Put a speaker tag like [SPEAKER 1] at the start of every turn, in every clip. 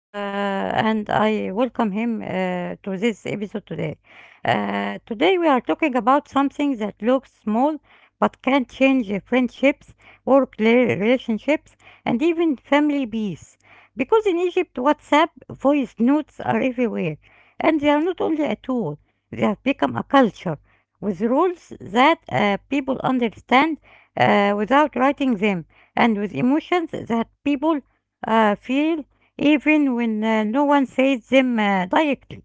[SPEAKER 1] and I welcome him to this episode today. Today we are talking about something that looks small but can change friendships, work relationships, and even family peace. Because in Egypt, WhatsApp voice notes are everywhere, and they are not only a tool, they have become a culture with rules that people understand without writing them, and with emotions that people feel even when no one says them directly.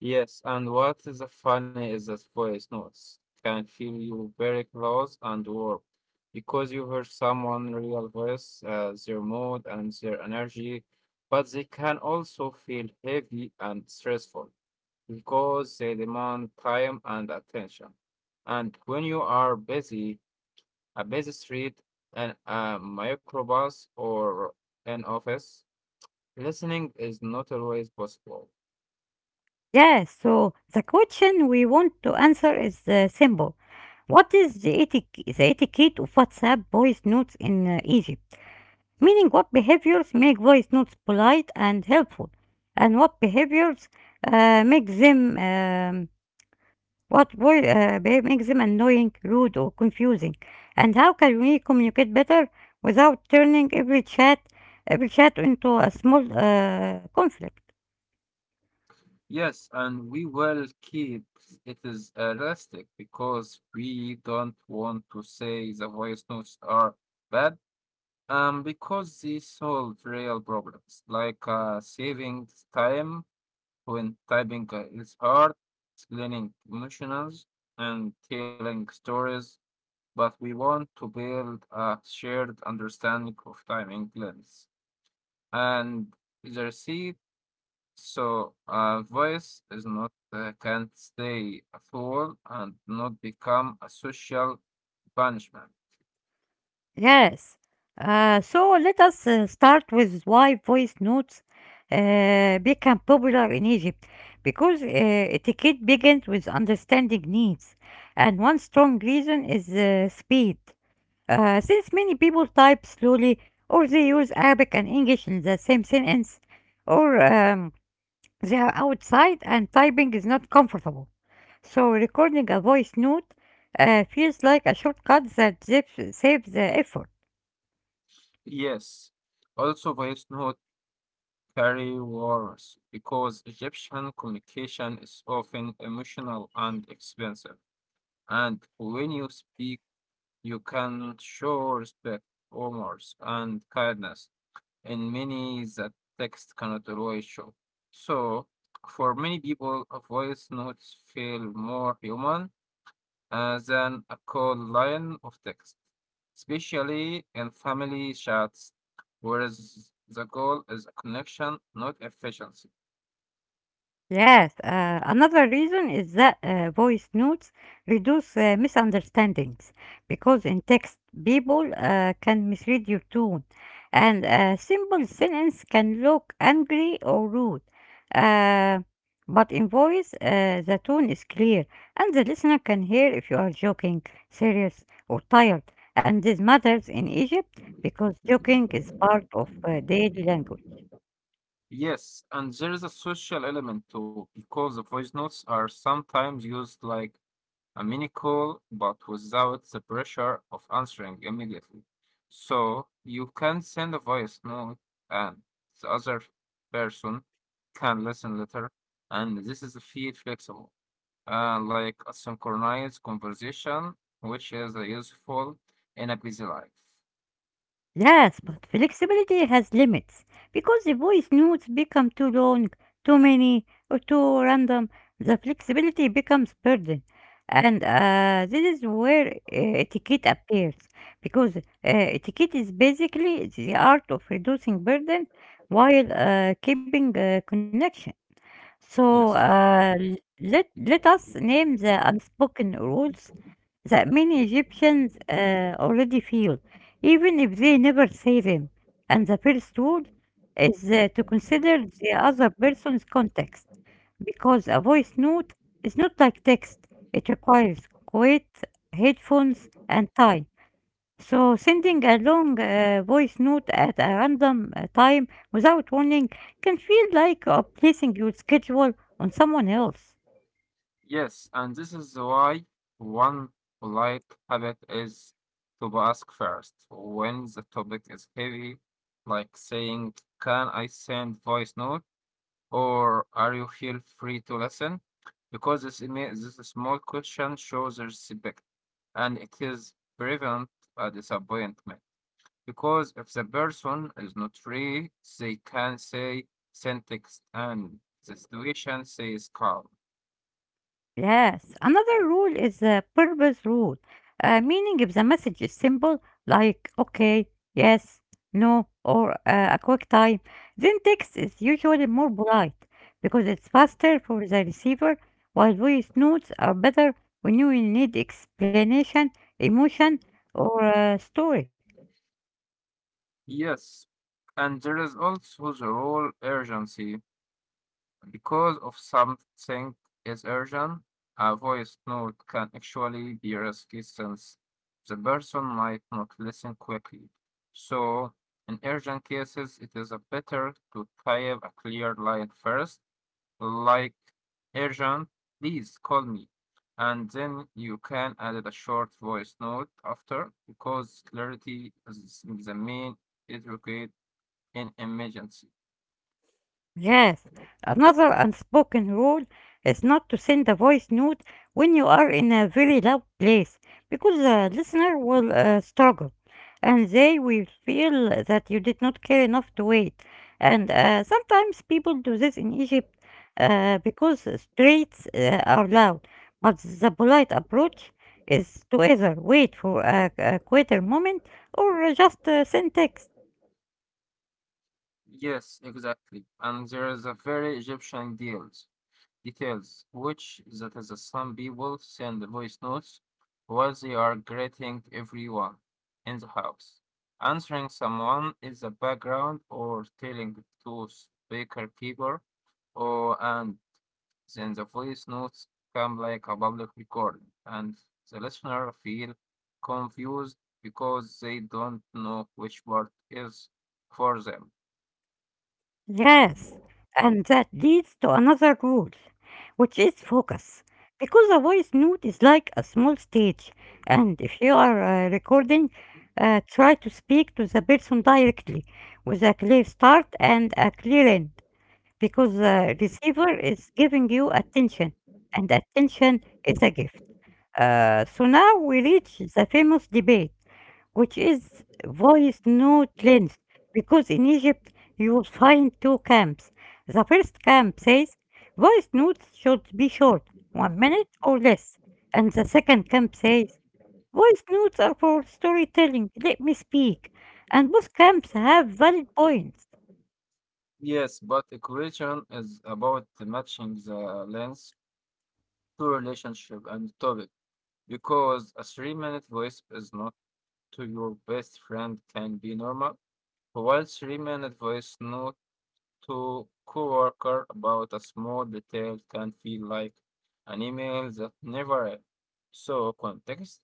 [SPEAKER 2] Yes, and what is funny is that voice notes can feel you very close and warm because you hear someone real voice, their mood and their energy, but they can also feel heavy and stressful because they demand time and attention. And when you are busy, a busy street, and a microbus or an office, listening is not always possible.
[SPEAKER 1] Yeah, so the question we want to answer is simple. What is the etiquette of WhatsApp voice notes in Egypt? Meaning, what behaviors make voice notes polite and helpful, and what behaviors make them What wo- be- makes them annoying, rude, or confusing? And how can we communicate better without turning every chat into a small conflict?
[SPEAKER 2] Yes, and we will keep it is realistic because we don't want to say the voice notes are bad, because they solve real problems like saving time when typing is hard, explaining emotions, and telling stories. But we want to build a shared understanding of time in class, and the receipt so, a voice is not can't stay a fool and not become a social punishment.
[SPEAKER 1] Yes. So let us start with why voice notes became popular in Egypt, because etiquette begins with understanding needs, and one strong reason is speed. Since many people type slowly or they use Arabic and English in the same sentence or they are outside and typing is not comfortable. So recording a voice note feels like a shortcut that saves the effort.
[SPEAKER 2] Yes. Also, voice note carry words because Egyptian communication is often emotional and expensive. And when you speak, you can show respect, honors, and kindness. And many that text cannot always show. So, for many people, a voice notes feel more human than a cold line of text, especially in family chats, whereas the goal is a connection, not efficiency.
[SPEAKER 1] Yes, another reason is that voice notes reduce misunderstandings because in text, people can misread your tone, and a simple sentence can look angry or rude. Uh, but in voice, the tone is clear, and the listener can hear if you are joking, serious, or tired. And this matters in Egypt because joking is part of daily language.
[SPEAKER 2] Yes, and there is a social element too, because the voice notes are sometimes used like a mini call, but without the pressure of answering immediately. So you can send a voice note and the other person can listen later. And this is feel flexible, like a synchronized conversation, which is useful in a busy life.
[SPEAKER 1] Yes,
[SPEAKER 2] Yeah.
[SPEAKER 1] but flexibility has limits because the voice notes become too long, too many, or too random. The flexibility becomes burden, and this is where etiquette appears because etiquette is basically the art of reducing burden while keeping connection. So
[SPEAKER 2] Yes.
[SPEAKER 1] uh, l- let let us name the unspoken rules that many Egyptians already feel, even if they never say them. And the first rule is to consider the other person's context, because a voice note is not like text, it requires quiet headphones and time. So, sending a long voice note at a random time without warning can feel like placing your schedule on someone else.
[SPEAKER 2] Yes, and this is why one polite habit is to ask first when the topic is heavy, like saying, "Can I send voice note?" or "Are you feel free to listen?" Because this small question shows respect and it is prevent a disappointment. Because if the person is not free, they can say send text and the situation says calm.
[SPEAKER 1] Yes, another rule is the purpose rule. Meaning if the message is simple, like okay, yes, no, or a quick time, then text is usually more polite because it's faster for the receiver, while voice notes are better when you will need explanation, emotion, or story.
[SPEAKER 2] Yes, and there is also the whole urgency. Because of something is urgent, a voice note can actually be risky since the person might not listen quickly. So, in urgent cases, it is a better to type a clear line first, like urgent, please call me. And then you can add a short voice note after because clarity is the main educator in emergency.
[SPEAKER 1] Yes, another unspoken rule is not to send a voice note when you are in a very loud place because the listener will struggle and they will feel that you did not care enough to wait. And sometimes people do this in Egypt because streets are loud, but the polite approach is to either wait for a quieter moment or just send text.
[SPEAKER 2] Yes, exactly. And there is a very Egyptian deals details, which that is some people send voice notes while they are greeting everyone in the house. Answering someone in the background or telling to speaker keeper or and then the voice notes come like a public recording, and the listener feel confused because they don't know which part is for them.
[SPEAKER 1] Yes, and that leads to another rule, which is focus. Because a voice note is like a small stage, and if you are recording, try to speak to the person directly with a clear start and a clear end, because the receiver is giving you attention, and attention is a gift. So now we reach the famous debate, which is voice note length. Because in Egypt you will find two camps. The first camp says voice notes should be short, 1 minute or less, and the second camp says voice notes are for storytelling, let me speak. And both camps have valid points.
[SPEAKER 2] Yes, but equation is about matching the length to relationship and topic because a three-minute voice is not to your best friend can be normal, while three-minute voice note to coworker about a small detail can feel like an email that never ends. So context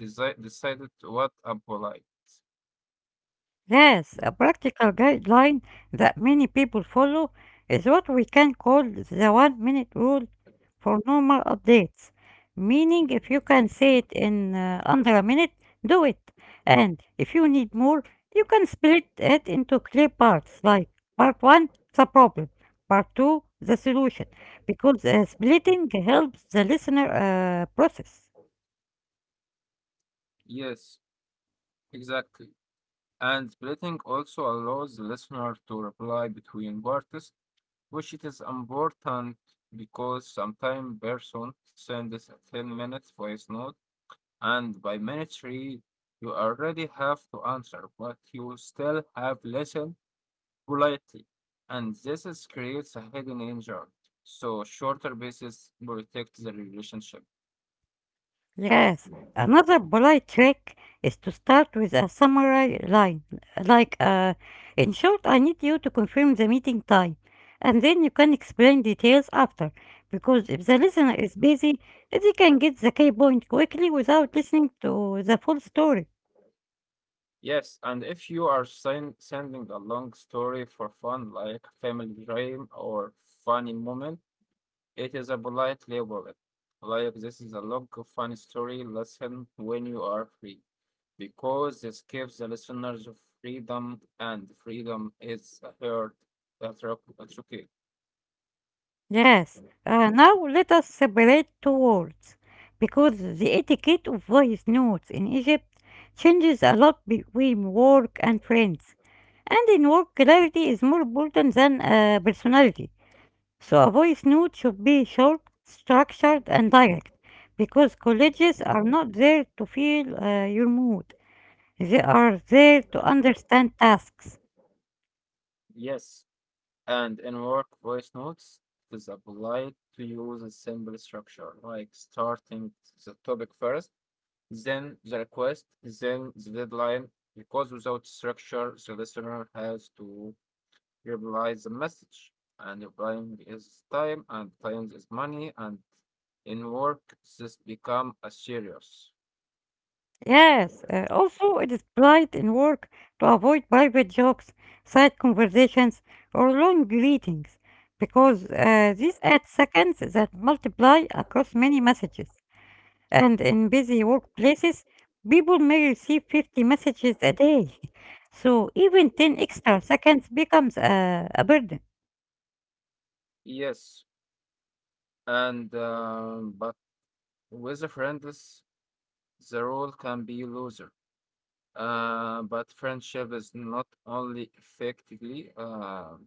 [SPEAKER 2] decided what applied.
[SPEAKER 1] Yes, a practical guideline that many people follow is what we can call the 1 minute rule for normal updates. Meaning, if you can say it in under a minute, do it. And if you need more, you can split it into clear parts like part one, the problem, part two, the solution, because splitting helps the listener process.
[SPEAKER 2] Yes, exactly. And splitting also allows the listener to reply between parties, which it is important because sometimes person sends a 10 minutes voice note and by minute three you already have to answer, but you still have less politely, and this is creates a hidden danger. So shorter pieces protect the relationship.
[SPEAKER 1] Yes, another polite trick is to start with a summary line, like, in short, I need you to confirm the meeting time, and then you can explain details after, because if the listener is busy, they can get the key point quickly without listening to the full story.
[SPEAKER 2] Yes, and if you are sending a long story for fun, like family dream or funny moment, it is a polite label. It. Like this is a long funny story. Listen when you are free, because this gives the listeners freedom, and freedom is a herd that rock-
[SPEAKER 1] Yes, now let us separate two words, because the etiquette of voice notes in Egypt changes a lot between work and friends. And in work clarity is more important than personality. So a voice note should be short, structured, and direct, because colleges are not there to feel your mood. They are there to understand tasks.
[SPEAKER 2] Yes. And in work voice notes, it is applied to use a simple structure like starting the topic first, then the request, then the deadline, because without structure, the listener has to reply the message. And replying is time, and time is money, and in work, this become a serious.
[SPEAKER 1] Yes, also it is polite in work to avoid private jokes, side conversations, or long greetings, because these add seconds that multiply across many messages. And in busy workplaces, people may receive 50 messages a day. So even 10 extra seconds becomes a burden.
[SPEAKER 2] Yes, and but with the friends, the role can be loser. But friendship is not only effectively,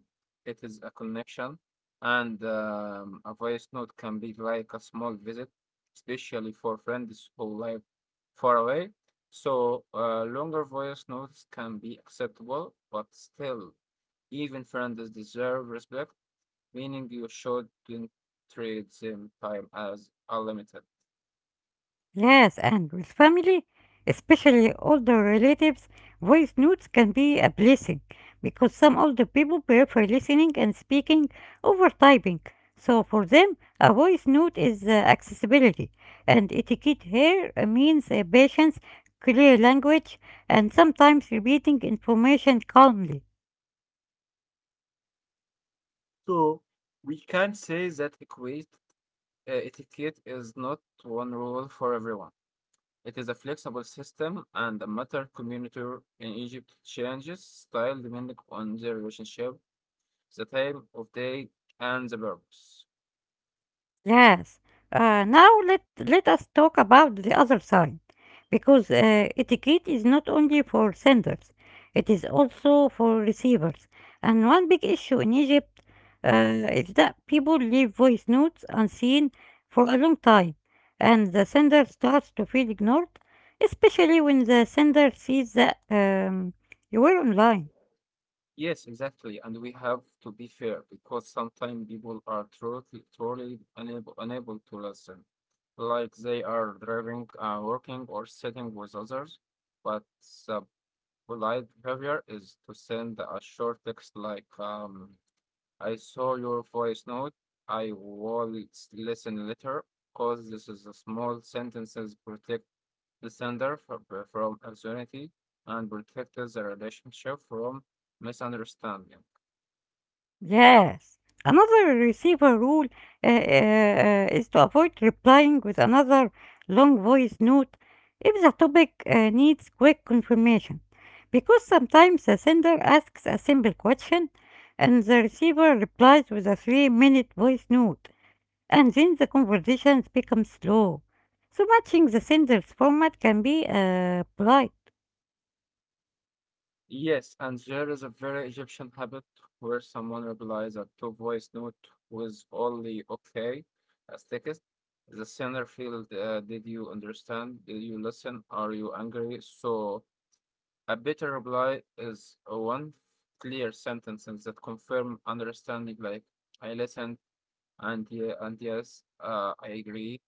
[SPEAKER 2] it is a connection, and a voice note can be like a small visit, especially for friends who live far away. So, longer voice notes can be acceptable, but still, even friends deserve respect, meaning you shouldn't treat them time as unlimited.
[SPEAKER 1] Yes, and with family, especially older relatives, voice notes can be a blessing because some older people prefer listening and speaking over typing. So for them, a voice note is accessibility, and etiquette here means patience, clear language, and sometimes repeating information calmly.
[SPEAKER 2] So, we can say that equates etiquette is not one rule for everyone. It is a flexible system and a matter community in Egypt changes style depending on the relationship, the time of day, and the purpose.
[SPEAKER 1] Yes. Now let us talk about the other side, because etiquette is not only for senders; it is also for receivers. And one big issue in Egypt is that people leave voice notes unseen for a long time, and the sender starts to feel ignored, especially when the sender sees that you were online.
[SPEAKER 2] Yes, exactly. And we have to be fair because sometimes people are truly unable to listen, like they are driving, working, or sitting with others. But the polite behavior is to send a short text like, I saw your voice note. I will listen later because this is a small sentences protect the sender from uncertainty and protect the relationship from misunderstanding.
[SPEAKER 1] Yes. Another receiver rule is to avoid replying with another long voice note if the topic needs quick confirmation, because sometimes the sender asks a simple question and the receiver replies with a 3-minute voice note, and then the conversations become slow. So, matching the sender's format can be polite.
[SPEAKER 2] Yes, and there is a very Egyptian habit where someone replies a two voice note with only okay as text. The sender field, did you understand? Did you listen? Are you angry? So a better reply is one clear sentences that confirm understanding, like I listened and yes, I agree.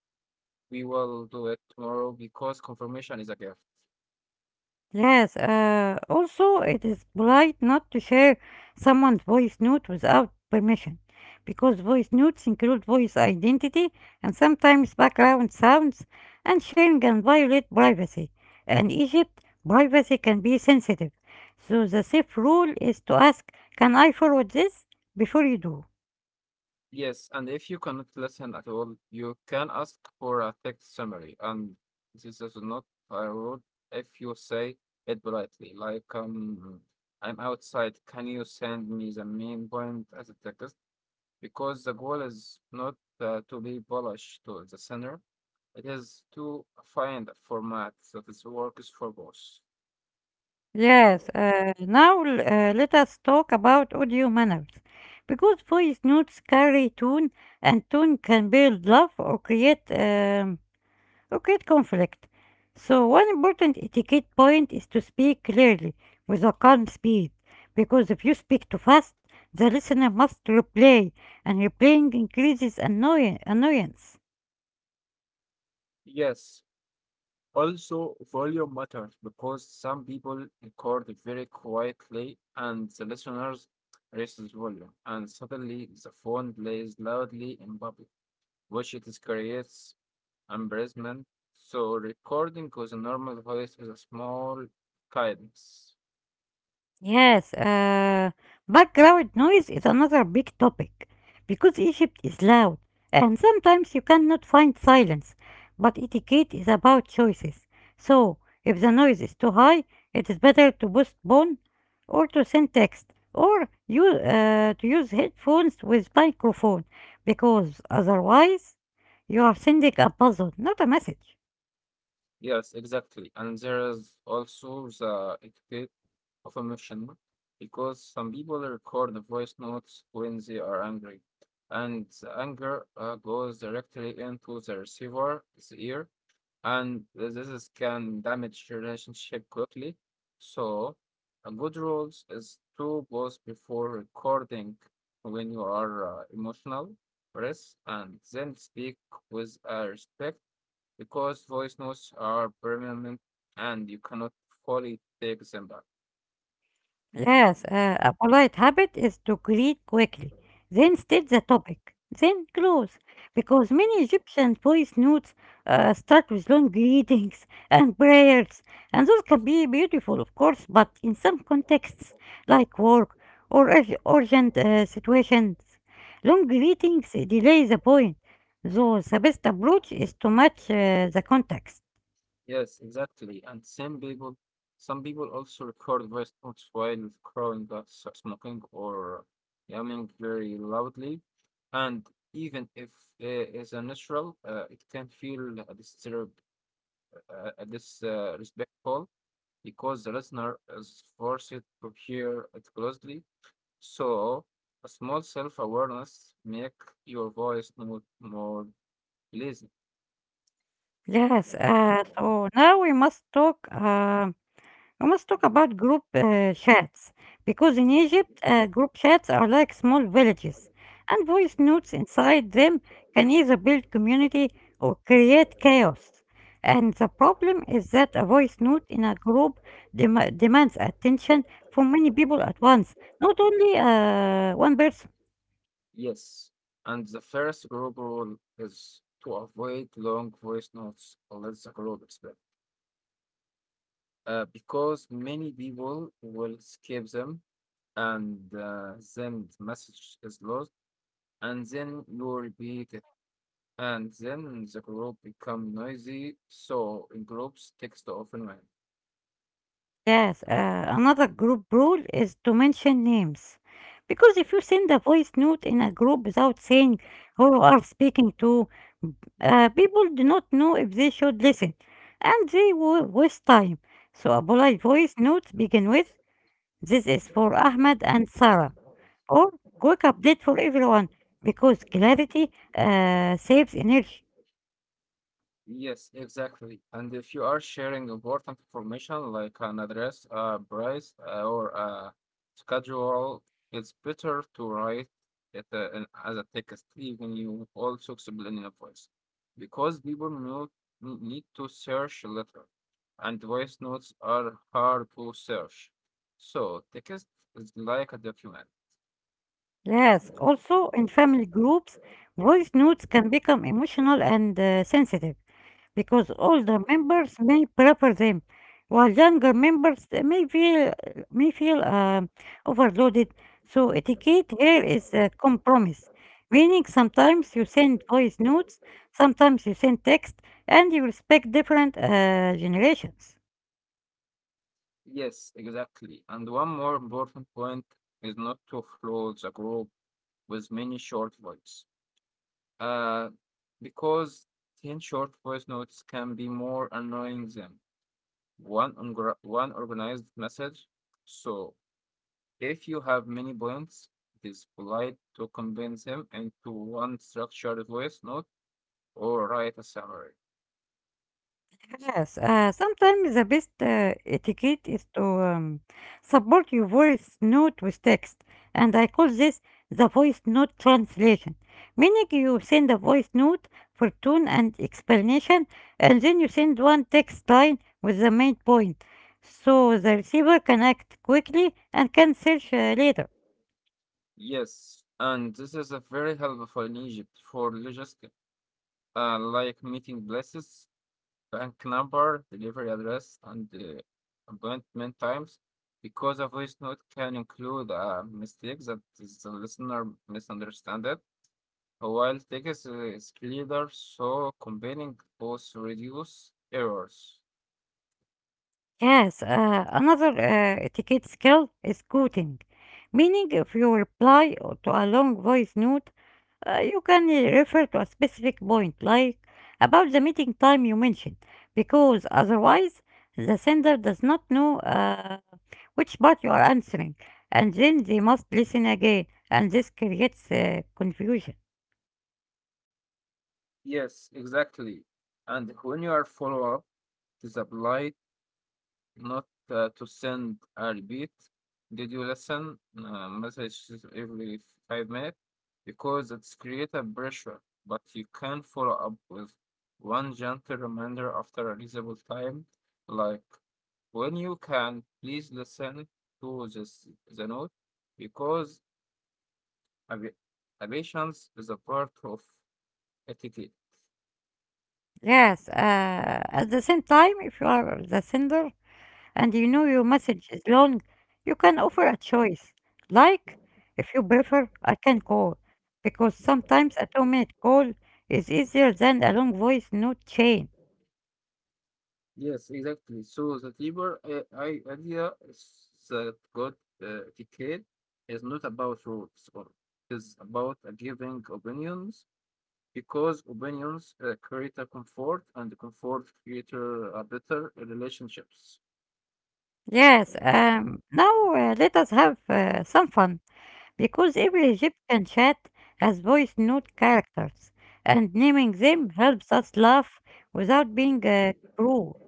[SPEAKER 2] We will do it tomorrow because confirmation is a gift.
[SPEAKER 1] Yes, also it is polite not to share someone's voice note without permission because voice notes include voice identity and sometimes background sounds, and sharing can violate privacy. In Egypt, privacy can be sensitive, so the safe rule is to ask, can I forward this, before you do.
[SPEAKER 2] Yes, and if you cannot listen at all, you can ask for a text summary, and this is not a rude if you say it politely, like I'm outside. Can you send me the main point as a text? Because the goal is not to be bullish to the center, it is to find a format that is works for both.
[SPEAKER 1] Yes, let us talk about audio manners. Because voice notes carry tone, and tone can build love or create conflict. So one important etiquette point is to speak clearly with a calm speed, because if you speak too fast, the listener must replay, and replaying increases annoyance.
[SPEAKER 2] Yes, also volume matters because some people record very quietly and the listeners raises volume and suddenly the phone plays loudly in public, which it is creates embarrassment. So recording with a normal voice is a small kindness.
[SPEAKER 1] Yes, background noise is another big topic because Egypt is loud and sometimes you cannot find silence. But etiquette is about choices. So, if the noise is too high, it is better to postpone or to send text or you to use headphones with microphone because otherwise you are sending a puzzle, not a message.
[SPEAKER 2] Yes, exactly. And there is also the etiquette of emotion, because some people record the voice notes when they are angry, and the anger goes directly into the receiver's ear, and this is, can damage relationship quickly. So, a good rules is to pause before recording when you are emotional, rest, and then speak with respect because voice notes are permanent and you cannot fully take them back.
[SPEAKER 1] Yes, a polite habit is to greet quickly, then state the topic, then close, because many Egyptian voice notes start with long greetings and prayers, and those can be beautiful, of course, but in some contexts, like work or urgent situations, long greetings delay the point, so the best approach is to match the context.
[SPEAKER 2] Yes, exactly. And some people also record voice notes while crowing, smoking, or yamming very loudly. And even if it is unnatural, it can feel a disrespectful because the listener is forced to hear it closely. So, a small self-awareness make your voice more pleasing.
[SPEAKER 1] Yes, so now we must talk. We must talk about group chats because in Egypt, group chats are like small villages, and voice notes inside them can either build community or create chaos. And the problem is that a voice note in a group demands attention from many people at once, not only one person.
[SPEAKER 2] Yes. And the first group rule is to avoid long voice notes unless the group is big. Because many people will skip them and then the message is lost and then you repeat it and then the group become noisy so in groups text often wins.
[SPEAKER 1] Yes, another group rule is to mention names. Because if you send a voice note in a group without saying who you are speaking to, people do not know if they should listen and they will waste time. So, a polite voice note begin with, this is for Ahmed and Sarah, or quick update for everyone, because clarity saves energy.
[SPEAKER 2] Yes, exactly. And if you are sharing important information like an address, a price, or a schedule, it's better to write it as a text, even you also explain in a voice, because people know, need to search later, and voice notes are hard to search. So text is like a document.
[SPEAKER 1] Yes, also in family groups, voice notes can become emotional and sensitive. Because older members may prefer them, while younger members may feel overloaded. So etiquette here is a compromise, meaning sometimes you send voice notes, sometimes you send text, and you respect different generations.
[SPEAKER 2] Yes, exactly. And one more important point is not to flood the group with many short words. Uh, because 10 short voice notes can be more annoying than one organized message. So, if you have many points, it is polite to condense them into one structured voice note or write a summary.
[SPEAKER 1] Yes, sometimes the best etiquette is to support your voice note with text, and I call this the voice note translation, meaning you send a voice note for tone and explanation, and then you send one text line with the main point, so the receiver can act quickly and can search later.
[SPEAKER 2] Yes, and this is a very helpful in Egypt for logistics, like meeting places, rank number, delivery address, and appointment times because a voice note can include a mistake that is the listener misunderstood, it. While text is clearer, so combining both reduce errors.
[SPEAKER 1] Yes, another etiquette skill is quoting, meaning if you reply or to a long voice note, you can refer to a specific point, like about the meeting time you mentioned, because otherwise the sender does not know which part you are answering, and then they must listen again, and this creates confusion.
[SPEAKER 2] Yes, exactly. And when you are follow up, this apply not to send a repeat did you listen message every 5 minutes because it's create a pressure but you can follow up with one gentle reminder after a reasonable time like when you can please listen to this the note because a, a patience is a part of etiquette.
[SPEAKER 1] Yes, at the same time, if you are the sender, and you know your message is long, you can offer a choice. Like, if you prefer, I can call. Because sometimes a 2 minute call is easier than a long voice note chain.
[SPEAKER 2] Yes, exactly. So the deeper idea is that good etiquette is not about rules, or is about giving opinions because opinions create a comfort, and the comfort create a better relationships.
[SPEAKER 1] Yes, now let us have some fun. Because every Egyptian chat has voice note characters, and naming them helps us laugh without being cruel.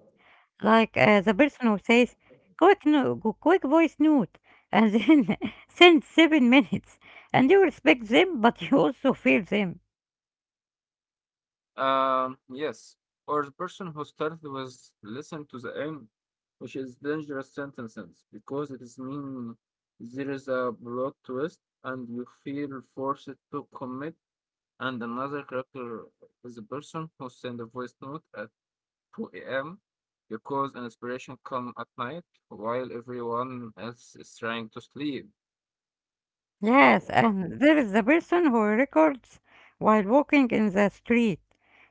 [SPEAKER 1] Like, the person who says, quick, no, quick voice note, and then send 7 minutes, and you respect them, but you also feel them.
[SPEAKER 2] Yes, or the person who started with listen to the end, which is dangerous sentences because it is mean there is a plot twist, and you feel forced to commit. And another character is a person who sends a voice note at 2 a.m. because an inspiration comes at night while everyone else is trying to sleep.
[SPEAKER 1] Yes, and there is the person who records while walking in the street.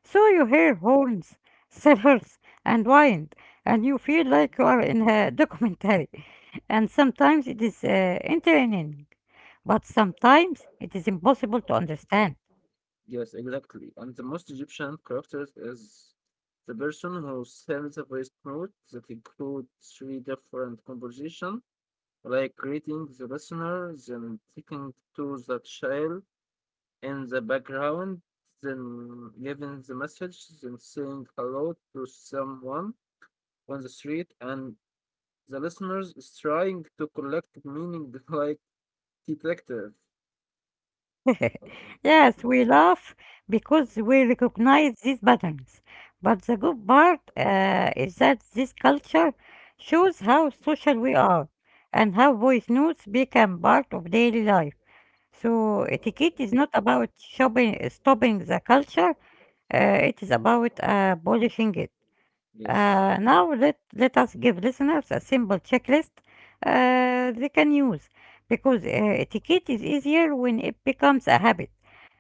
[SPEAKER 1] So you hear horns, sirens, and wind, and you feel like you are in a documentary. And sometimes it is entertaining, but sometimes it is impossible to understand.
[SPEAKER 2] Yes, exactly. And the most Egyptian characters is the person who sends a voice note that includes three different conversations, like greeting the listener, then taking to the child in the background, then giving the message, then saying hello to someone on the street, and the listeners is trying to collect meaning like detective.
[SPEAKER 1] Yes, we laugh because we recognize these patterns. But the good part is that this culture shows how social we are and how voice notes become part of daily life. So etiquette is not about stopping the culture, it is about polishing it.
[SPEAKER 2] Yes.
[SPEAKER 1] Now let us give listeners a simple checklist they can use because etiquette is easier when it becomes a habit.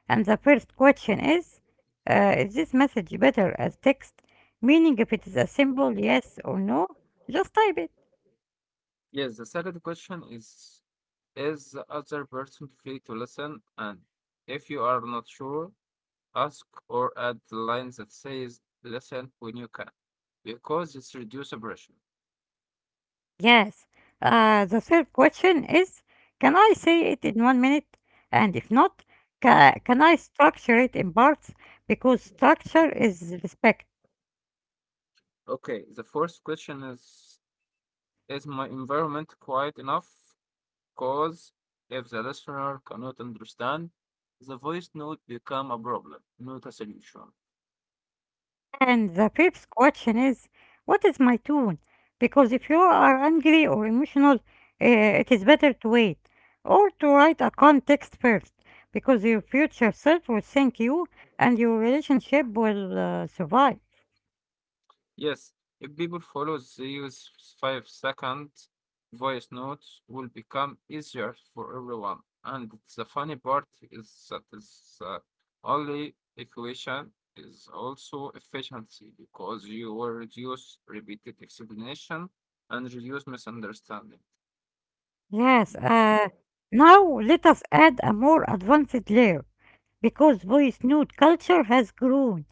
[SPEAKER 1] And the first question is is this message better as text? Meaning, if it is a simple yes or no, just type it.
[SPEAKER 2] Yes, the second question is the other person free to listen? And if you are not sure, ask or add the line that says listen when you can, because it's reduce pressure.
[SPEAKER 1] Yes. The third question is, can I say it in 1 minute? And if not, can I structure it in parts? Because structure is respect.
[SPEAKER 2] Okay, the fourth question is my environment quiet enough? Because if the listener cannot understand, the voice note become a problem, not a solution.
[SPEAKER 1] And the fifth question is, what is my tone? Because if you are angry or emotional, it is better to wait or to write a context first, because your future self will thank you and your relationship will survive.
[SPEAKER 2] Yes, if people follow these five second voice notes will become easier for everyone. And the funny part is that it's only equation is also efficiency because you will reduce repeated explanation and reduce misunderstanding.
[SPEAKER 1] Yes, now let us add a more advanced layer, because voice note culture has grown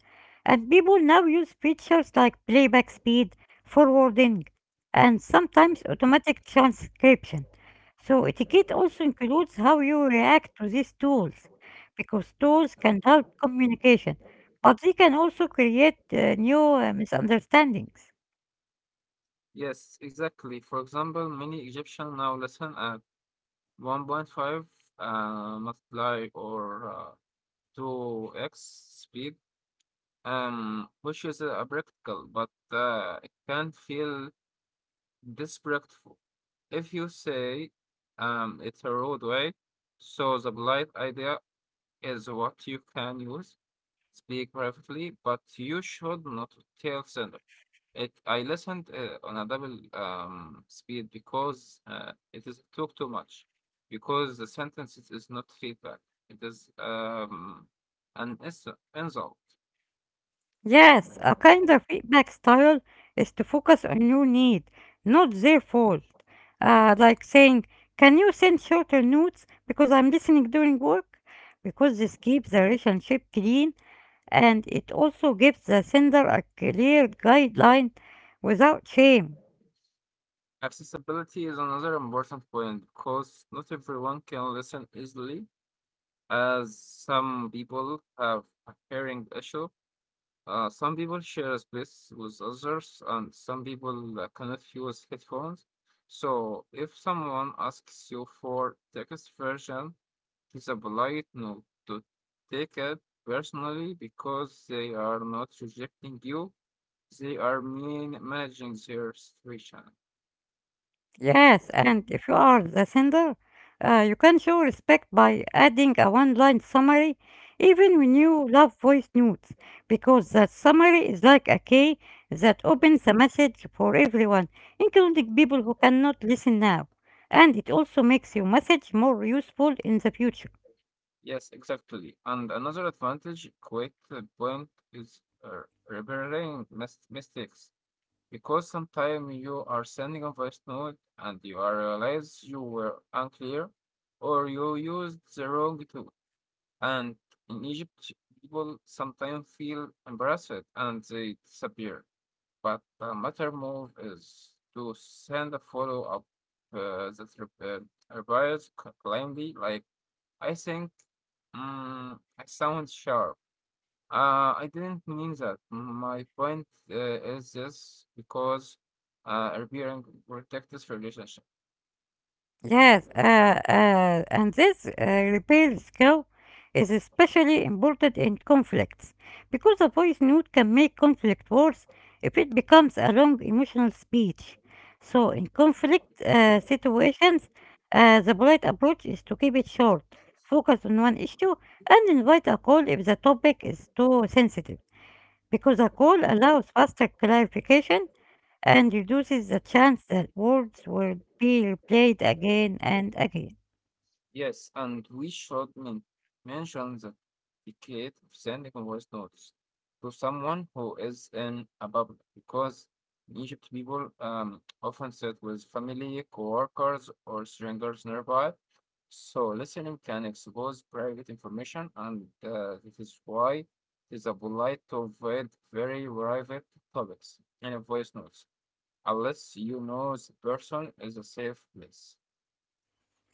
[SPEAKER 1] and people now use features like playback speed, forwarding, and sometimes automatic transcription. So, etiquette also includes how you react to these tools because tools can help communication, but they can also create new misunderstandings.
[SPEAKER 2] Yes, exactly. For example, many Egyptians now listen and 1.5 multiply or 2x speed, which is practical, but it can feel disrespectful. If you say it's a roadway, so the polite idea is what you can use, speak privately, but you should not tell sender. It I listened on a double speed because it is talk too much, because the sentences is not feedback. It is an ins- insult.
[SPEAKER 1] Yes, a kinder feedback style is to focus on your need, not their fault. Like saying, can you send shorter notes because I'm listening during work? Because this keeps the relationship clean and it also gives the sender a clear guideline without shame.
[SPEAKER 2] Accessibility is another important point because not everyone can listen easily, as some people have a hearing issue. Some people share space with others, and some people cannot use headphones. So, if someone asks you for text version, it's a polite no to take it personally because they are not rejecting you. They are mean managing their situation.
[SPEAKER 1] Yes, and if you are the sender, you can show respect by adding a one line summary even when you love voice notes, because that summary is like a key that opens a message for everyone, including people who cannot listen now. And it also makes your message more useful in the future.
[SPEAKER 2] Yes, exactly. And another advantage, quite the point, is repairing mistakes. Because sometimes you are sending a voice note and you are realize you were unclear or you used the wrong tool. And in Egypt, people sometimes feel embarrassed and they disappear. But a matter move is to send a follow up that replies plainly, like, I think I sound sharp. I didn't mean that. My point is this because repairing protects relationship.
[SPEAKER 1] Yes, and this repair skill is especially important in conflicts because a voice note can make conflict worse if it becomes a long emotional speech. So, in conflict situations, the polite approach is to keep it short, focus on one issue, and invite a call if the topic is too sensitive because a call allows faster clarification and reduces the chance that words will be replayed again and again.
[SPEAKER 2] Yes, and we should mention that the kid of sending a voice notes to someone who is in a bubble because in Egypt people often sit with family, coworkers, or strangers nearby. So listening can expose private information, and this is why it is a polite to avoid very private topics in a voice notes unless you know the person is a safe place.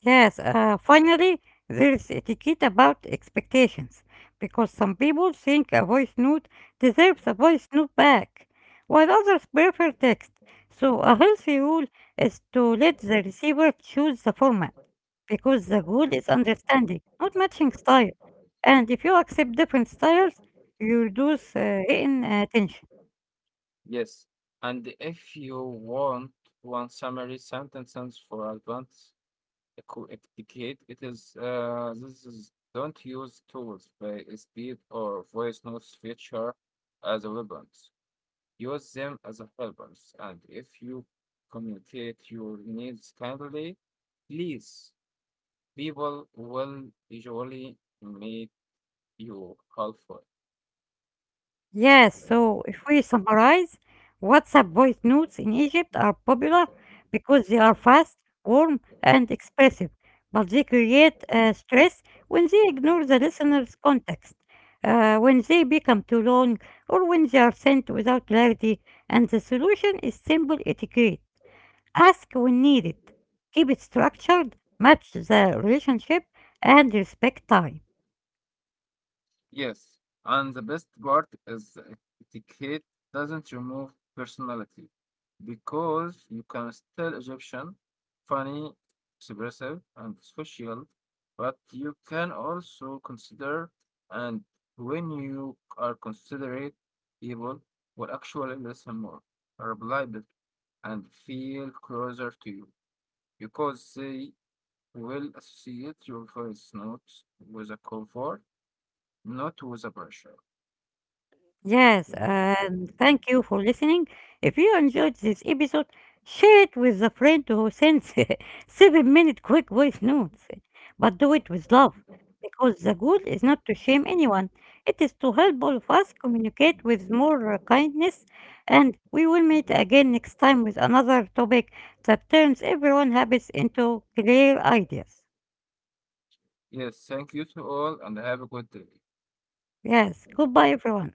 [SPEAKER 1] Yes, finally, there is etiquette about expectations, because some people think a voice note deserves a voice note back, while others prefer text. So, a healthy rule is to let the receiver choose the format, because the goal is understanding, not matching style. And if you accept different styles, you reduce written tension.
[SPEAKER 2] Yes. And if you want one summary sentences for advanced equ- etiquette, it is this is don't use tools by speed or voice notes feature as weapons. Use them as helpers. And if you communicate your needs kindly, please, people will usually make you helpful.
[SPEAKER 1] Yes, so if we summarize, WhatsApp voice notes in Egypt are popular because they are fast, warm, and expressive, but they create stress when they ignore the listener's context, when they become too long, or when they are sent without clarity, and the solution is simple etiquette. Ask when needed, keep it structured, match the relationship, and respect time.
[SPEAKER 2] Yes, and the best part is that etiquette doesn't remove personality because you can still Egyptian, funny, expressive, and social, but you can also consider and when you are considerate, people will actually listen more, reply better, and feel closer to you because they will associate your voice notes with a comfort, not with a pressure.
[SPEAKER 1] Yes, and thank you for listening. If you enjoyed this episode, share it with a friend who sends 7 minute quick voice notes. But do it with love, because the goal is not to shame anyone, it is to help all of us communicate with more kindness. And we will meet again next time with another topic that turns everyone's habits into clear ideas.
[SPEAKER 2] Yes, thank you to all and have a good day.
[SPEAKER 1] Yes, goodbye, everyone.